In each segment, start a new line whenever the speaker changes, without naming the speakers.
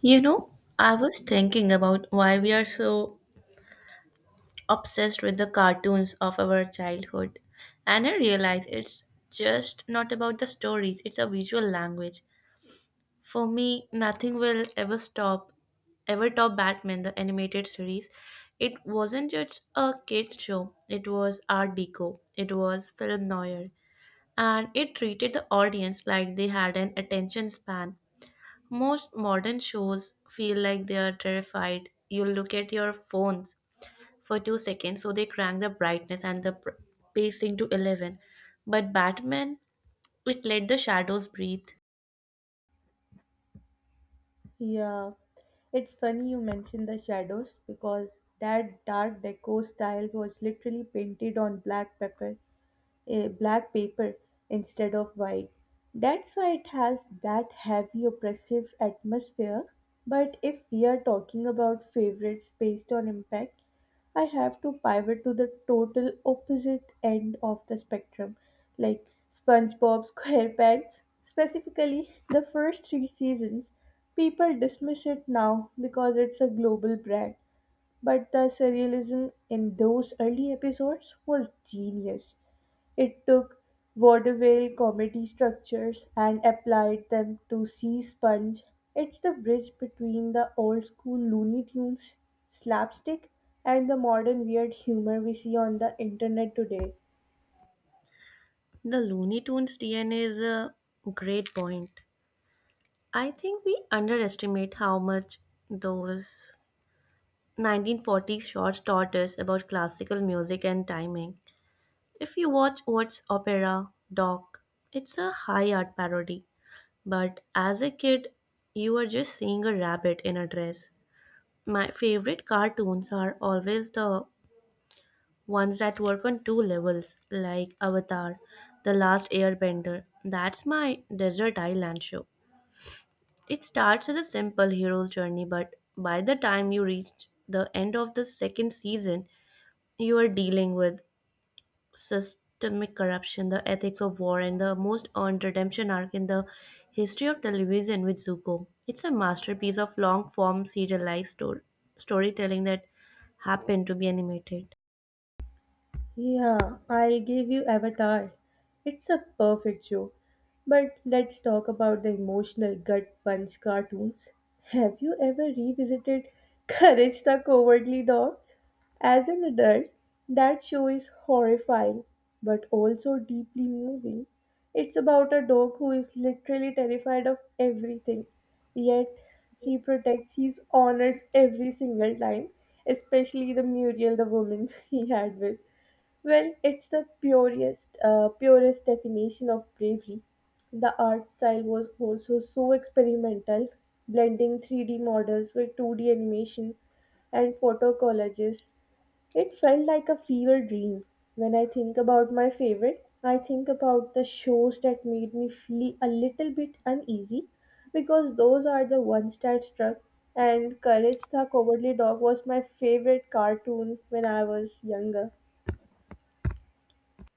You know, I was thinking about why we are so obsessed with the cartoons of our childhood, and I realized it's just not about the stories, it's a visual language. For me, nothing will ever stop, ever top Batman, the animated series. It wasn't just a kids' show, it was art deco, it was film noir, and it treated the audience like they had an attention span most modern shows feel like they are terrified. You look at your phones for 2 seconds, so they crank the brightness and the pacing to 11. But Batman, it let the shadows breathe.
Yeah, it's funny you mentioned the shadows because that dark deco style was literally painted on black pepper a black paper instead of white. That's why it has that heavy oppressive atmosphere. But if we are talking about favorites based on impact, I have to pivot to the total opposite end of the spectrum, like SpongeBob SquarePants. Specifically, the first three seasons, people dismiss it now because it's a global brand, but the surrealism in those early episodes was genius. It took vaudeville comedy structures and applied them to Sea Sponge. It's the bridge between the old school Looney Tunes slapstick and the modern weird humor we see on the internet today.
The Looney Tunes DNA is a great point. I think we underestimate how much those 1940s shorts taught us about classical music and timing. If you watch What's Opera, Doc, it's a high art parody. But as a kid, you were just seeing a rabbit in a dress. My favorite cartoons are always the ones that work on two levels, like Avatar, The Last Airbender. That's my desert island show. It starts as a simple hero's journey, but by the time you reach the end of the second season, you are dealing with systemic corruption, the ethics of war, and the most earned redemption arc in the history of television with Zuko. It's a masterpiece of long form serialized storytelling that happened to be animated.
Yeah, I'll give you Avatar. It's a perfect show. But let's talk about the emotional gut punch cartoons. Have you ever revisited Courage the Cowardly Dog? As an adult, that show is horrifying but also deeply moving. It's about a dog who is literally terrified of everything, yet he protects his honors every single time, especially the Muriel, the woman he had with. Well, it's the purest definition of bravery. The art style was also so experimental, blending 3D models with 2D animation and photo collages. It felt like a fever dream. When I think about my favorite, I think about the shows that made me feel a little bit uneasy because those are the ones that struck. And Courage the Cowardly Dog was my favorite cartoon when I was younger.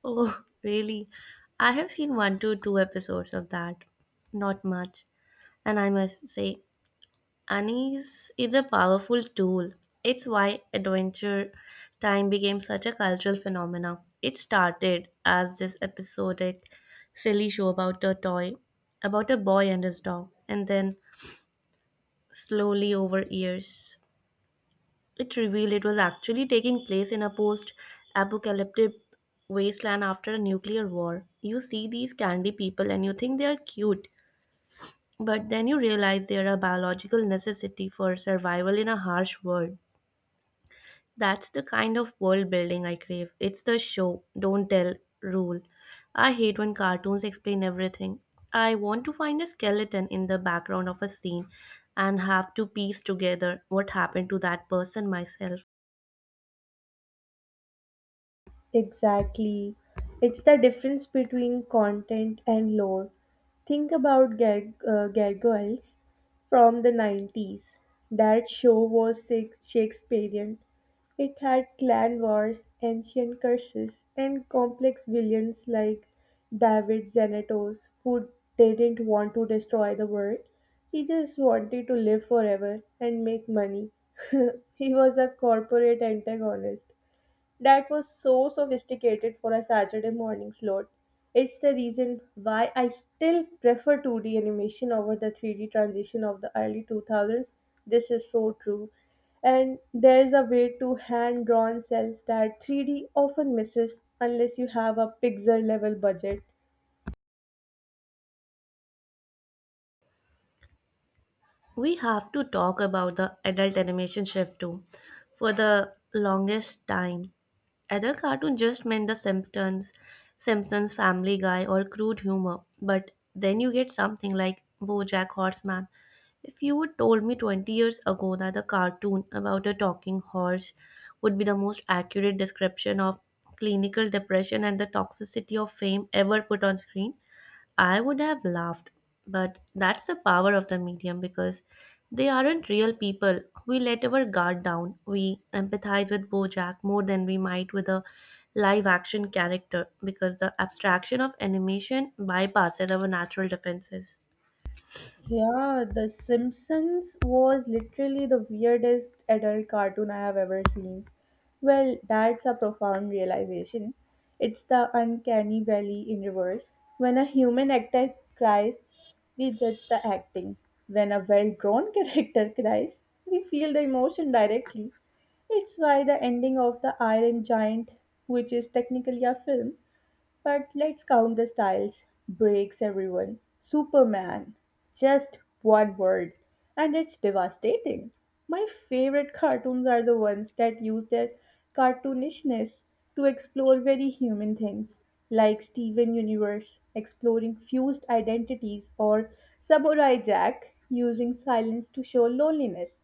Oh, really? I have seen one to two episodes of that. Not much. And I must say, Anise is a powerful tool. It's why Adventure Time became such a cultural phenomenon. It started as this episodic, silly show about a toy, about a boy and his dog, and then slowly over years, it revealed it was actually taking place in a post apocalyptic wasteland after a nuclear war. You see these candy people and you think they are cute, but then you realize they are a biological necessity for survival in a harsh world. That's the kind of world building I crave. It's the show, don't tell rule. I hate when cartoons explain everything. I want to find a skeleton in the background of a scene and have to piece together what happened to that person myself.
Exactly. It's the difference between content and lore. Think about Gargoyles from the 90s. That show was Shakespearean. It had clan wars, ancient curses, and complex villains like David Xanatos, who didn't want to destroy the world. He just wanted to live forever and make money. He was a corporate antagonist. That was so sophisticated for a Saturday morning slot. It's the reason why I still prefer 2D animation over the 3D transition of the early 2000s. This is so true. And there's a way to hand drawn cells that 3D often misses unless you have a pixel level budget.
We have to talk about the adult animation shift too. For the longest time, adult cartoon just meant Simpsons Family Guy, or crude humor. But then you get something like BoJack Horseman. If you would told me 20 years ago that a cartoon about a talking horse would be the most accurate description of clinical depression and the toxicity of fame ever put on screen, I would have laughed, but that's the power of the medium because they aren't real people. We let our guard down. We empathize with Bojack more than we might with a live action character because the abstraction of animation bypasses our natural defenses.
Yeah, The Simpsons was literally the weirdest adult cartoon I have ever seen. Well, that's a profound realization. It's the uncanny valley in reverse. When a human actor cries, we judge the acting. When a well drawn character cries, we feel the emotion directly. It's why the ending of The Iron Giant, which is technically a film, but let's count the styles. Breaks everyone. Superman. Just one word. And it's devastating. My favorite cartoons are the ones that use their cartoonishness to explore very human things, like Steven Universe exploring fused identities or Samurai Jack using silence to show loneliness.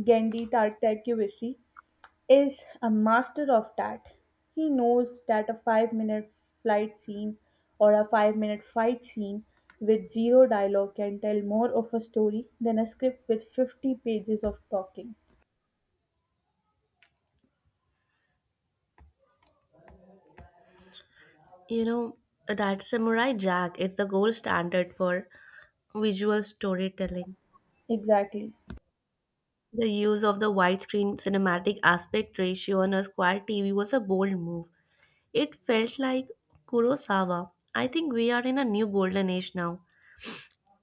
Gendy Tartakovsky is a master of that. He knows that a 5 minute flight scene or a 5 minute fight scene with zero dialogue can tell more of a story than a script with 50 pages of talking.
You know, that Samurai Jack is the gold standard for visual storytelling.
Exactly.
The use of the widescreen cinematic aspect ratio on a square TV was a bold move. It felt like Kurosawa. I think we are in a new golden age now.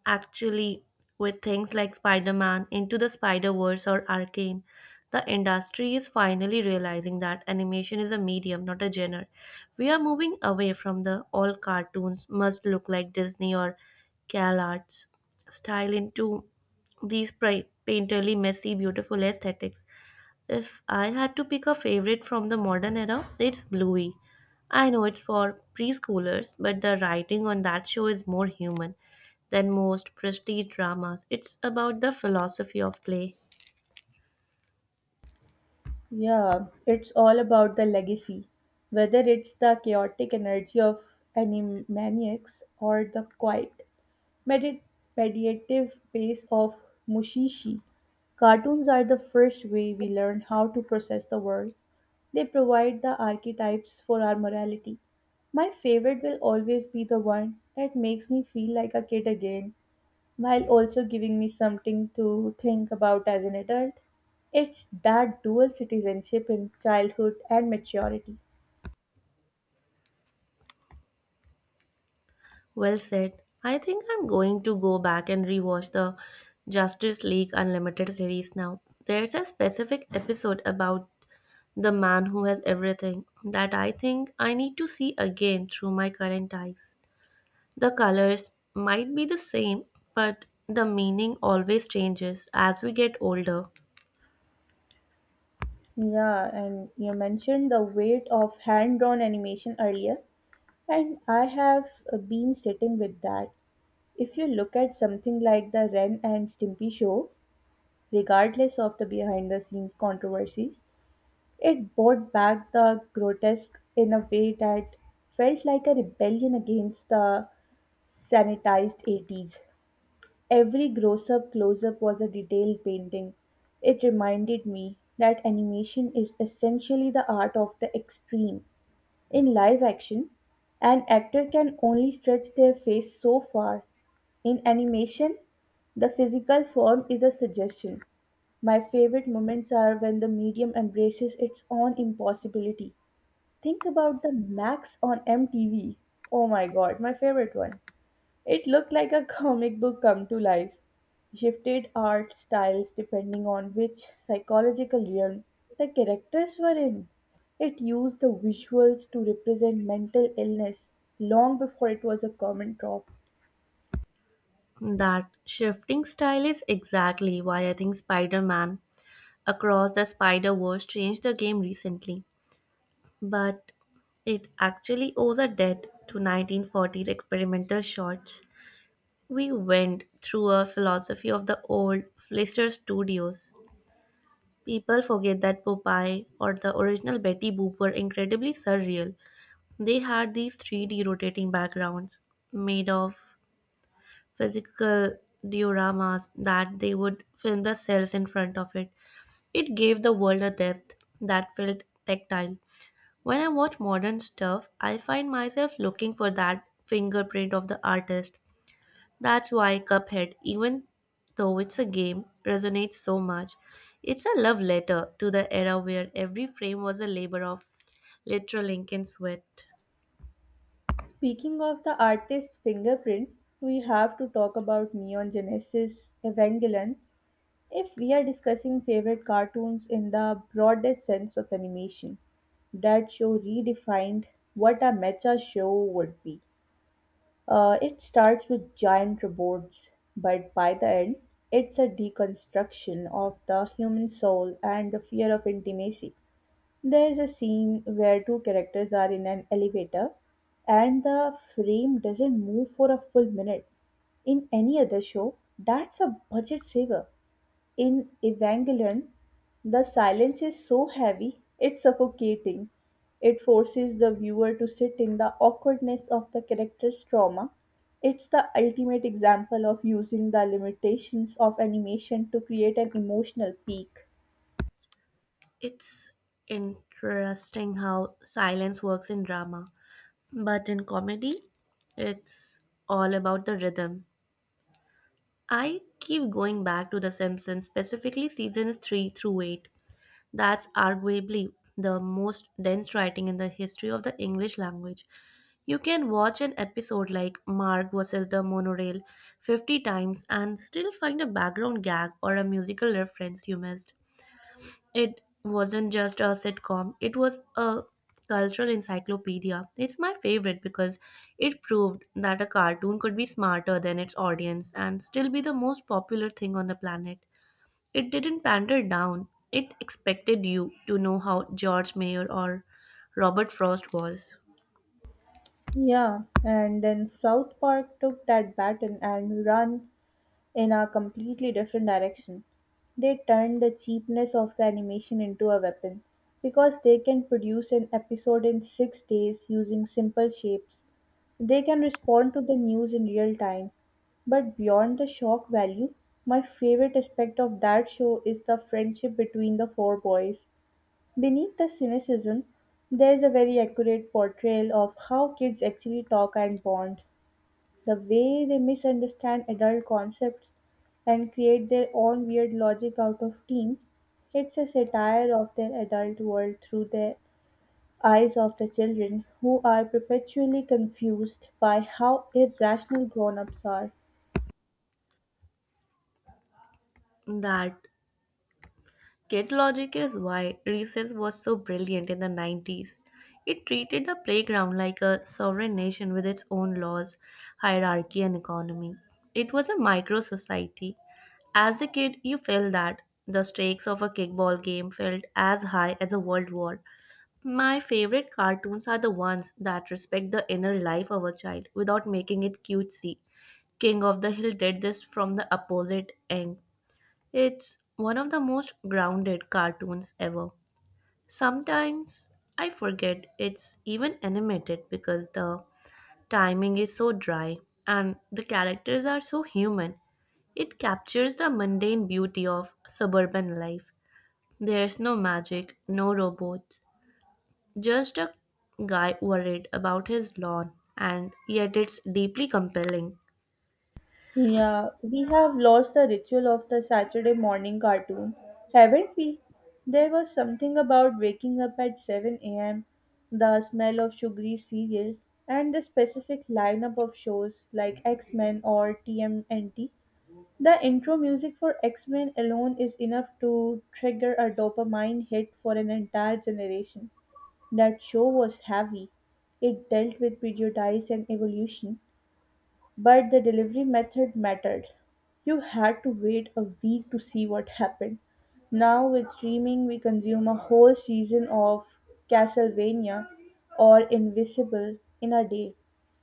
Actually, with things like Spider Man, Into the Spider Verse, or Arcane, the industry is finally realizing that animation is a medium, not a genre. We are moving away from the all cartoons must look like Disney or Cal Arts style into these painterly, messy, beautiful aesthetics. If I had to pick a favorite from the modern era, it's Bluey. I know it's for preschoolers, but the writing on that show is more human than most prestige dramas. It's about the philosophy of play.
Yeah, it's all about the legacy. Whether it's the chaotic energy of animaniacs or the quiet, medit- meditative pace of Mushishi, cartoons are the first way we learn how to process the world. They provide the archetypes for our morality. My favorite will always be the one that makes me feel like a kid again while also giving me something to think about as an adult. It's that dual citizenship in childhood and maturity.
Well said. I think I'm going to go back and rewatch the Justice League Unlimited series now. There's a specific episode about the man who has everything that I think I need to see again through my current eyes. The colors might be the same, but the meaning always changes as we get older.
Yeah, and you mentioned the weight of hand drawn animation earlier, and I have been sitting with that. If you look at something like the Ren and Stimpy show, regardless of the behind the scenes controversies, it brought back the grotesque in a way that felt like a rebellion against the sanitized 80s. Every gross up close up was a detailed painting. It reminded me that animation is essentially the art of the extreme. In live action, an actor can only stretch their face so far. In animation, the physical form is a suggestion. My favorite moments are when the medium embraces its own impossibility. Think about the Max on MTV. Oh my god, my favorite one. It looked like a comic book come to life. Shifted art styles depending on which psychological realm the characters were in. It used the visuals to represent mental illness long before it was a common trope.
That shifting style is exactly why I think Spider Man Across the Spider Verse changed the game recently. But it actually owes a debt to 1940s experimental shots. We went through a philosophy of the old Flister Studios. People forget that Popeye or the original Betty Boop were incredibly surreal. They had these 3D rotating backgrounds made of physical dioramas that they would film the cells in front of it. It gave the world a depth that felt tactile. When I watch modern stuff, I find myself looking for that fingerprint of the artist. That's why Cuphead, even though it's a game, resonates so much. It's a love letter to the era where every frame was a labor of literal ink and sweat.
Speaking of the artist's fingerprint, we have to talk about Neon Genesis Evangelion if we are discussing favorite cartoons in the broadest sense of animation. That show redefined what a mecha show would be. It starts with giant robots, but by the end, it's a deconstruction of the human soul and the fear of intimacy. There is a scene where two characters are in an elevator and the frame doesn't move for a full minute. In any other show, that's a budget saver. In Evangelion, the silence is so heavy, it's suffocating. It forces the viewer to sit in the awkwardness of the character's trauma. It's the ultimate example of using the limitations of animation to create an emotional peak.
It's interesting how silence works in drama, but in comedy, it's all about the rhythm. I keep going back to The Simpsons, specifically seasons 3 through 8. That's arguably the most dense writing in the history of the English language. You can watch an episode like Mark versus the Monorail 50 times and still find a background gag or a musical reference you missed. It wasn't just a sitcom, it was a cultural encyclopedia. It's my favorite because it proved that a cartoon could be smarter than its audience and still be the most popular thing on the planet. It didn't pander down, it expected you to know how George Mayer or Robert Frost was.
Yeah, and then South Park took that baton and ran in a completely different direction. They turned the cheapness of the animation into a weapon because they can produce an episode in 6 days using simple shapes. They can respond to the news in real time. But beyond the shock value, my favorite aspect of that show is the friendship between the four boys. Beneath the cynicism, there is a very accurate portrayal of how kids actually talk and bond, the way they misunderstand adult concepts and create their own weird logic out of teen. It's a satire of their adult world through the eyes of the children who are perpetually confused by how irrational grown ups are.
That kid logic is why recess was so brilliant in the 90s. It treated the playground like a sovereign nation with its own laws, hierarchy, and economy. It was a micro society. As a kid, you felt that the stakes of a kickball game felt as high as a world war. My favorite cartoons are the ones that respect the inner life of a child without making it cutesy. King of the Hill did this from the opposite end. It's one of the most grounded cartoons ever. Sometimes I forget it's even animated because the timing is so dry and the characters are so human. It captures the mundane beauty of suburban life. There's no magic, no robots, just a guy worried about his lawn, and yet it's deeply compelling.
Yeah, we have lost the ritual of the Saturday morning cartoon, haven't we? There was something about waking up at 7 a.m., the smell of sugary cereal, and the specific lineup of shows like X Men or TMNT. The intro music for X Men alone is enough to trigger a dopamine hit for an entire generation. That show was heavy. It dealt with prejudice and evolution, but the delivery method mattered. You had to wait a week to see what happened. Now, with streaming, we consume a whole season of Castlevania or Invisible in a day.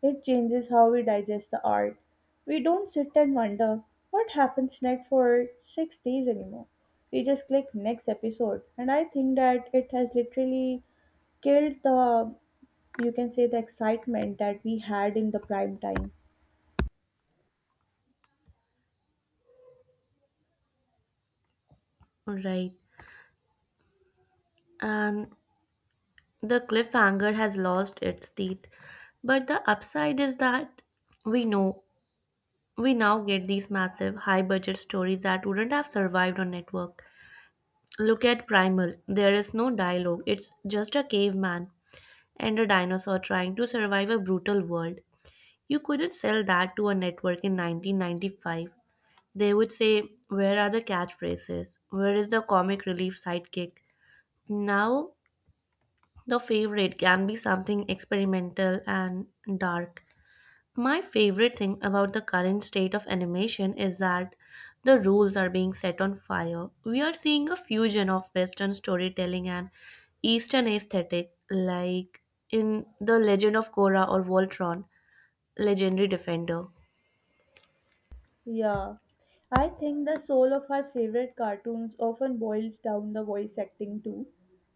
It changes how we digest the art. We don't sit and wonder what happens next for 6 days anymore. We just click next episode, and I think that it has literally killed the, you can say, the excitement that we had in the prime time.
Right. And the cliffhanger has lost its teeth, but the upside is that we know we now get these massive high budget stories that wouldn't have survived on network. Look at Primal. There is no dialogue. It's just a caveman and a dinosaur trying to survive a brutal world. You couldn't sell that to a network in 1995. They would say, "Where are the catchphrases? Where is the comic relief sidekick?" Now the favorite can be something experimental and dark. My favorite thing about the current state of animation is that the rules are being set on fire. We are seeing a fusion of Western storytelling and Eastern aesthetic, like in The Legend of Korra or Voltron, Legendary Defender.
Yeah, I think the soul of our favorite cartoons often boils down the voice acting too.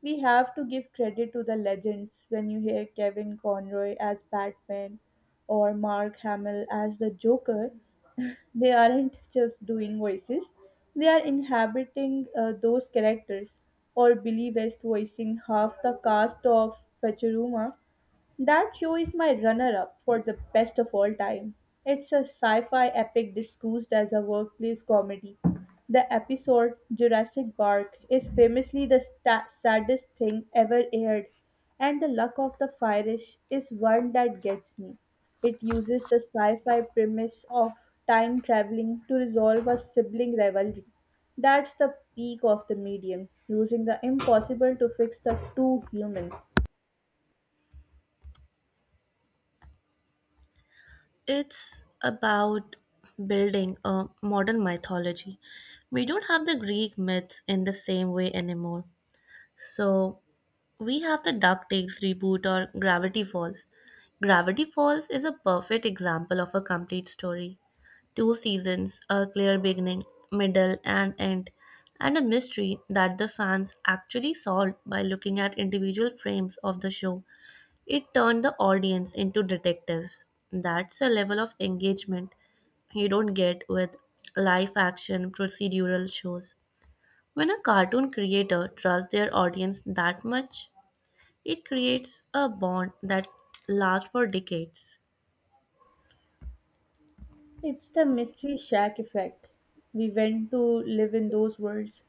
We have to give credit to the legends when you hear Kevin Conroy as Batman or Mark Hamill as the Joker. They aren't just doing voices, they are inhabiting those characters. Or Billy West voicing half the cast of Futurama. That show is my runner up for the best of all time. It's a sci fi epic disguised as a workplace comedy. The episode Jurassic Park is famously the saddest thing ever aired, and The Luck of the Irish is one that gets me. It uses the sci fi premise of time traveling to resolve a sibling rivalry. That's the peak of the medium, using the impossible to fix the two humans.
It's about building a modern mythology. We don't have the Greek myths in the same way anymore. So, we have the DuckTales reboot or Gravity Falls. Gravity Falls is a perfect example of a complete story. Two seasons, a clear beginning, middle, and end, and a mystery that the fans actually solved by looking at individual frames of the show. It turned the audience into detectives. That's a level of engagement you don't get with live action procedural shows. When a cartoon creator trusts their audience that much, it creates a bond that lasts for decades.
It's the mystery shack effect. We went to live in those worlds.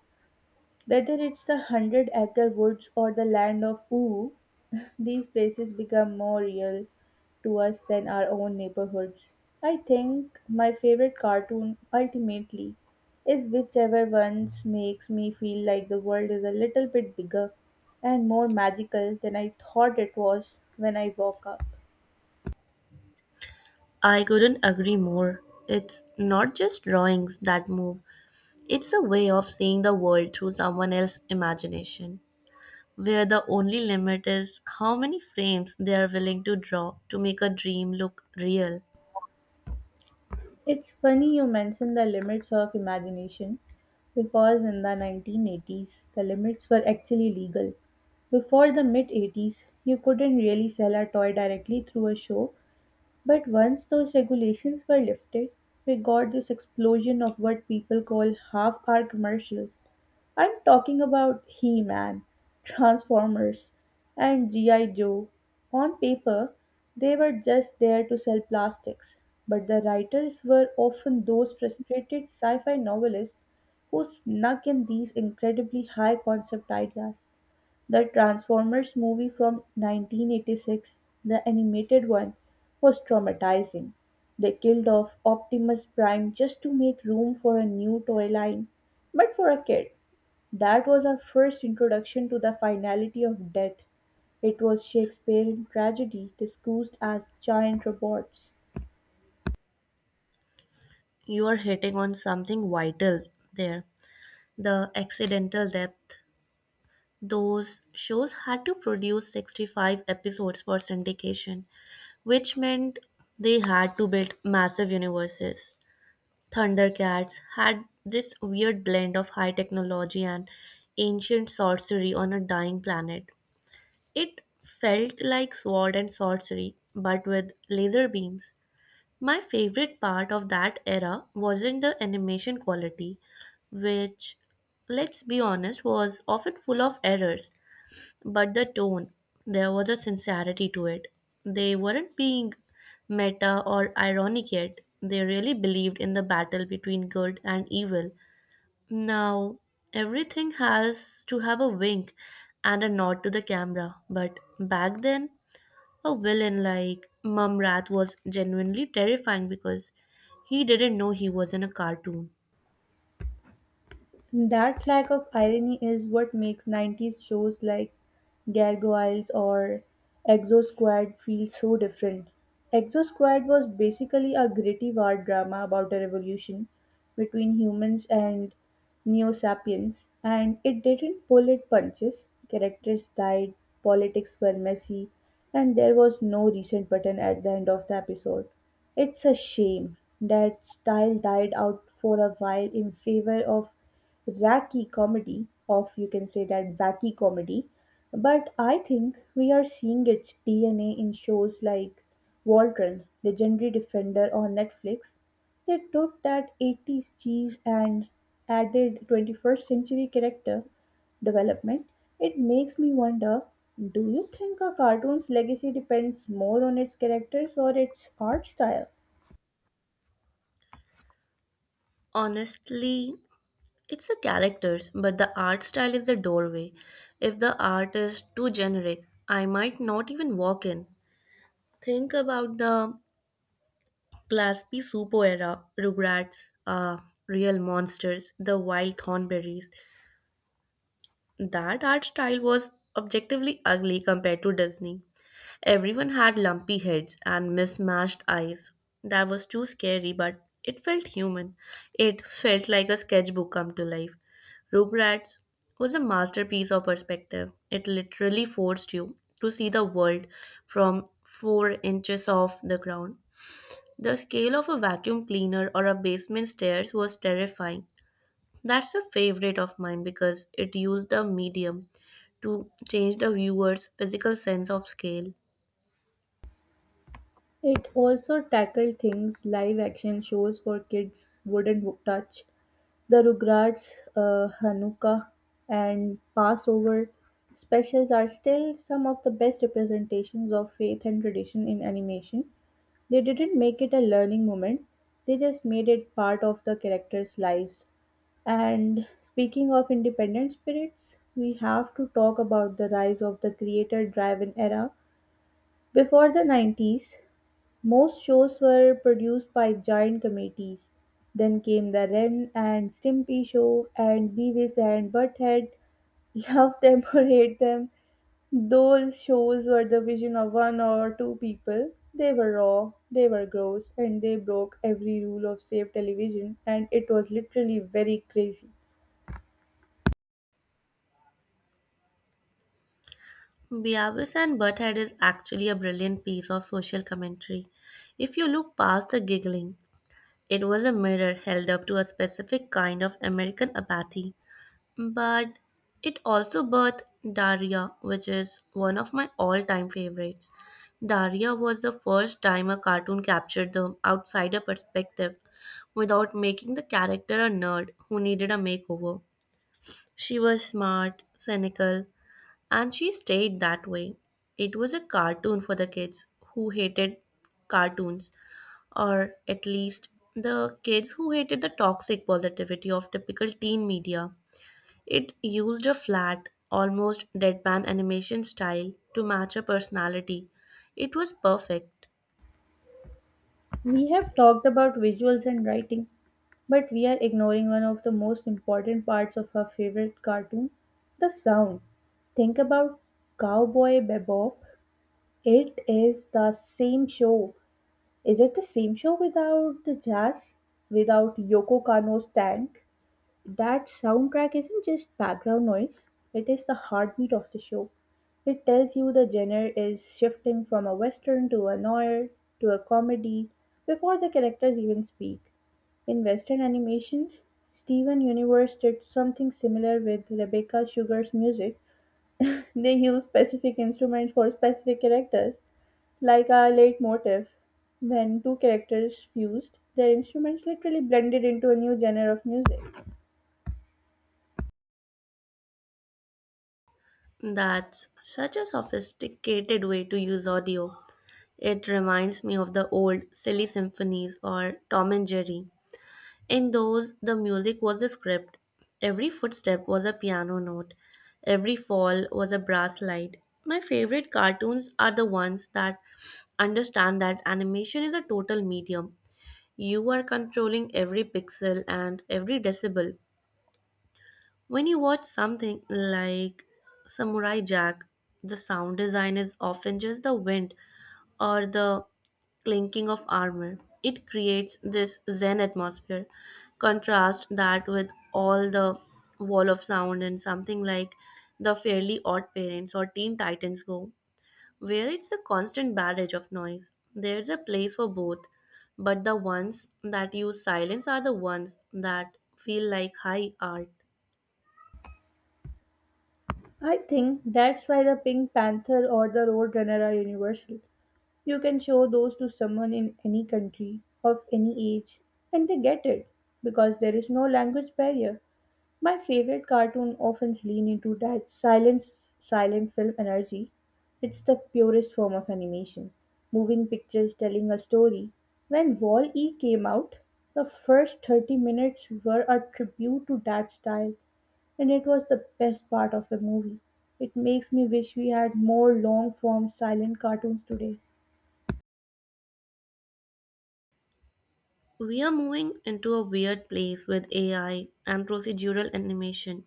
Whether it's the hundred-acre woods or the land of ooh, these places become more real to us than our own neighborhoods. I think my favorite cartoon ultimately is whichever ones makes me feel like the world is a little bit bigger and more magical than I thought it was when I woke up.
I couldn't agree more. It's not just drawings that move, it's a way of seeing the world through someone else's imagination, where the only limit is how many frames they are willing to draw to make a dream look real.
It's funny you mention the limits of imagination because in the 1980s the limits were actually legal. Before the mid 80s, you couldn't really sell a toy directly through a show, but once those regulations were lifted, we got this explosion of what people call half hour commercials. I'm talking about He Man, Transformers, and G.I. Joe. On paper, they were just there to sell plastics, but the writers were often those frustrated sci fi novelists who snuck in these incredibly high concept ideas. The Transformers movie from 1986, the animated one, was traumatizing. They killed off Optimus Prime just to make room for a new toy line. But for a kid, that was our first introduction to the finality of death. It was Shakespearean tragedy disguised as giant robots.
You are hitting on something vital there, the accidental depth. Those shows had to produce 65 episodes for syndication, which meant they had to build massive universes. Thundercats had this weird blend of high technology and ancient sorcery on a dying planet. It felt like sword and sorcery, but with laser beams. My favorite part of that era wasn't the animation quality, which, let's be honest, was often full of errors, but the tone, there was a sincerity to it. They weren't being meta or ironic yet. They really believed in the battle between good and evil. Now, everything has to have a wink and a nod to the camera, but back then, a villain like Mumrat was genuinely terrifying because he didn't know he was in a cartoon.
That lack of irony is what makes 90s shows like Gargoyles or Exo Squad feel so different. Exo Squad was basically a gritty war drama about a revolution between humans and Neo sapiens, and it didn't pull its punches. Characters died, politics were messy, and there was no reset button at the end of the episode. It's a shame that style died out for a while in favor of wacky comedy, of you can say that wacky comedy, but I think we are seeing its DNA in shows like Voltron, Legendary Defender on Netflix. They took that eighties cheese and added 21st century character development. It makes me wonder, do you think a cartoon's legacy depends more on its characters or its art style?
Honestly, it's the characters, but the art style is the doorway. If the art is too generic, I might not even walk in. Think about the Class P Supo era, Rugrats, Real Monsters, The Wild Thornberries. That art style was objectively ugly compared to Disney. Everyone had lumpy heads and mismatched eyes. That was too scary, but it felt human. It felt like a sketchbook come to life. Rugrats was a masterpiece of perspective. It literally forced you to see the world from 4 inches off the ground. The scale of a vacuum cleaner or a basement stairs was terrifying. That's a favorite of mine because it used the medium to change the viewer's physical sense of scale.
It also tackled things live action shows for kids wouldn't touch. The Rugrats, Hanukkah, and Passover specials are still some of the best representations of faith and tradition in animation. They didn't make it a learning moment, they just made it part of the characters' lives. And speaking of independent spirits, we have to talk about the rise of the creator driven era. Before the 90s, most shows were produced by giant committees. Then came the Ren and Stimpy show and Beavis and Butthead. Love them or hate them, those shows were the vision of one or two people. They were raw, they were gross, and they broke every rule of safe television, and it was literally very crazy.
Beavis and Butthead is actually a brilliant piece of social commentary. If you look past the giggling, it was a mirror held up to a specific kind of American apathy. But it also birthed Daria, which is one of my all time favorites. Daria was the first time a cartoon captured the outsider perspective without making the character a nerd who needed a makeover. She was smart, cynical, and she stayed that way. It was a cartoon for the kids who hated cartoons, or at least the kids who hated the toxic positivity of typical teen media. It used a flat, almost deadpan animation style to match her personality. It was perfect.
We have talked about visuals and writing, but we are ignoring one of the most important parts of our favorite cartoon, the sound. Think about Cowboy Bebop. It is the same show. Is it the same show without the jazz? Without Yoko Kano's tank? That soundtrack isn't just background noise, it is the heartbeat of the show. It tells you the genre is shifting from a western to a noir to a comedy before the characters even speak. In western animation, Steven Universe did something similar with Rebecca Sugar's music. They use specific instruments for specific characters, like a leitmotif. When two characters fused, their instruments literally blended into a new genre of music.
That's such a sophisticated way to use audio. It reminds me of the old silly symphonies or Tom and Jerry. In those, the music was a script. Every footstep was a piano note. Every fall was a brass slide. My favorite cartoons are the ones that understand that animation is a total medium. You are controlling every pixel and every decibel. When you watch something like Samurai Jack, the sound design is often just the wind or the clinking of armor. It creates this zen atmosphere. Contrast that with all the wall of sound and something like the Fairly Odd Parents or Teen Titans Go, where it's a constant barrage of noise. There's a place for both, but the ones that use silence are the ones that feel like high art.
I think that's why the Pink Panther or the Roadrunner are universal. You can show those to someone in any country, of any age, and they get it because there is no language barrier. My favorite cartoon often lean into that silent film energy. It's the purest form of animation. Moving pictures telling a story. When Wall E came out, the first 30 minutes were a tribute to that style. And it was the best part of the movie. It makes me wish we had more long form silent cartoons today.
We are moving into a weird place with AI and procedural animation,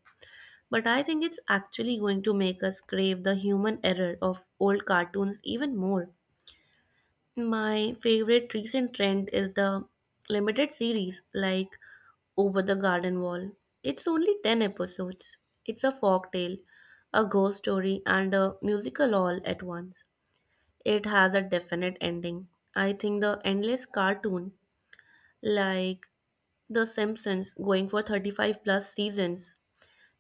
but I think it's actually going to make us crave the human error of old cartoons even more. My favorite recent trend is the limited series like Over the Garden Wall. It's only 10 episodes. It's a folk tale, a ghost story, and a musical all at once. It has a definite ending. I think the endless cartoon, like The Simpsons, going for 35 plus seasons,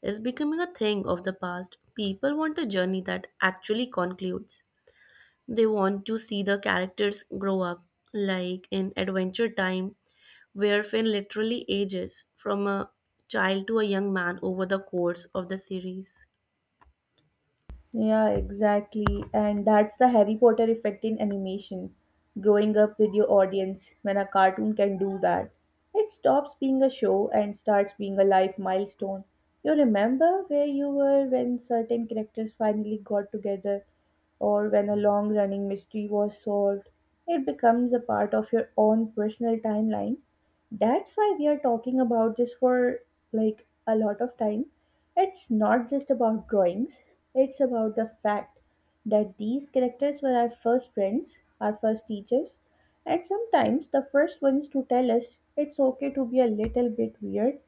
is becoming a thing of the past. People want a journey that actually concludes. They want to see the characters grow up, like in Adventure Time, where Finn literally ages from a child to a young man over the course of the series.
Yeah, exactly. And that's the Harry Potter effect in animation. Growing up with your audience when a cartoon can do that. It stops being a show and starts being a life milestone. You remember where you were when certain characters finally got together or when a long running mystery was solved. It becomes a part of your own personal timeline. That's why we are talking about this for like a lot of time. It's not just about drawings, it's about the fact that these characters were our first friends, our first teachers, and sometimes the first ones to tell us it's okay to be a little bit weird.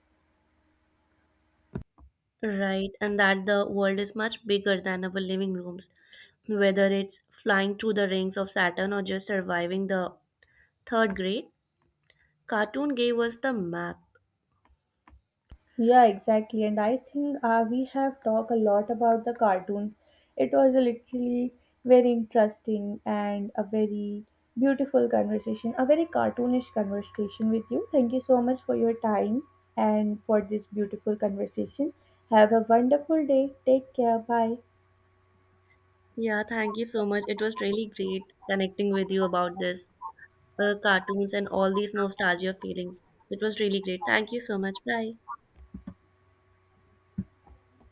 Right, and that the world is much bigger than our living rooms, whether it's flying through the rings of Saturn or just surviving the third grade. Cartoon gave us the map.
Yeah, exactly. And I think we have talked a lot about the cartoons. It was a literally very interesting and a very beautiful conversation, a very cartoonish conversation with you. Thank you so much for your time and for this beautiful conversation. Have a wonderful day. Take care. Bye.
Yeah, thank you so much. It was really great connecting with you about this cartoons and all these nostalgia feelings. It was really great. Thank you so much. Bye.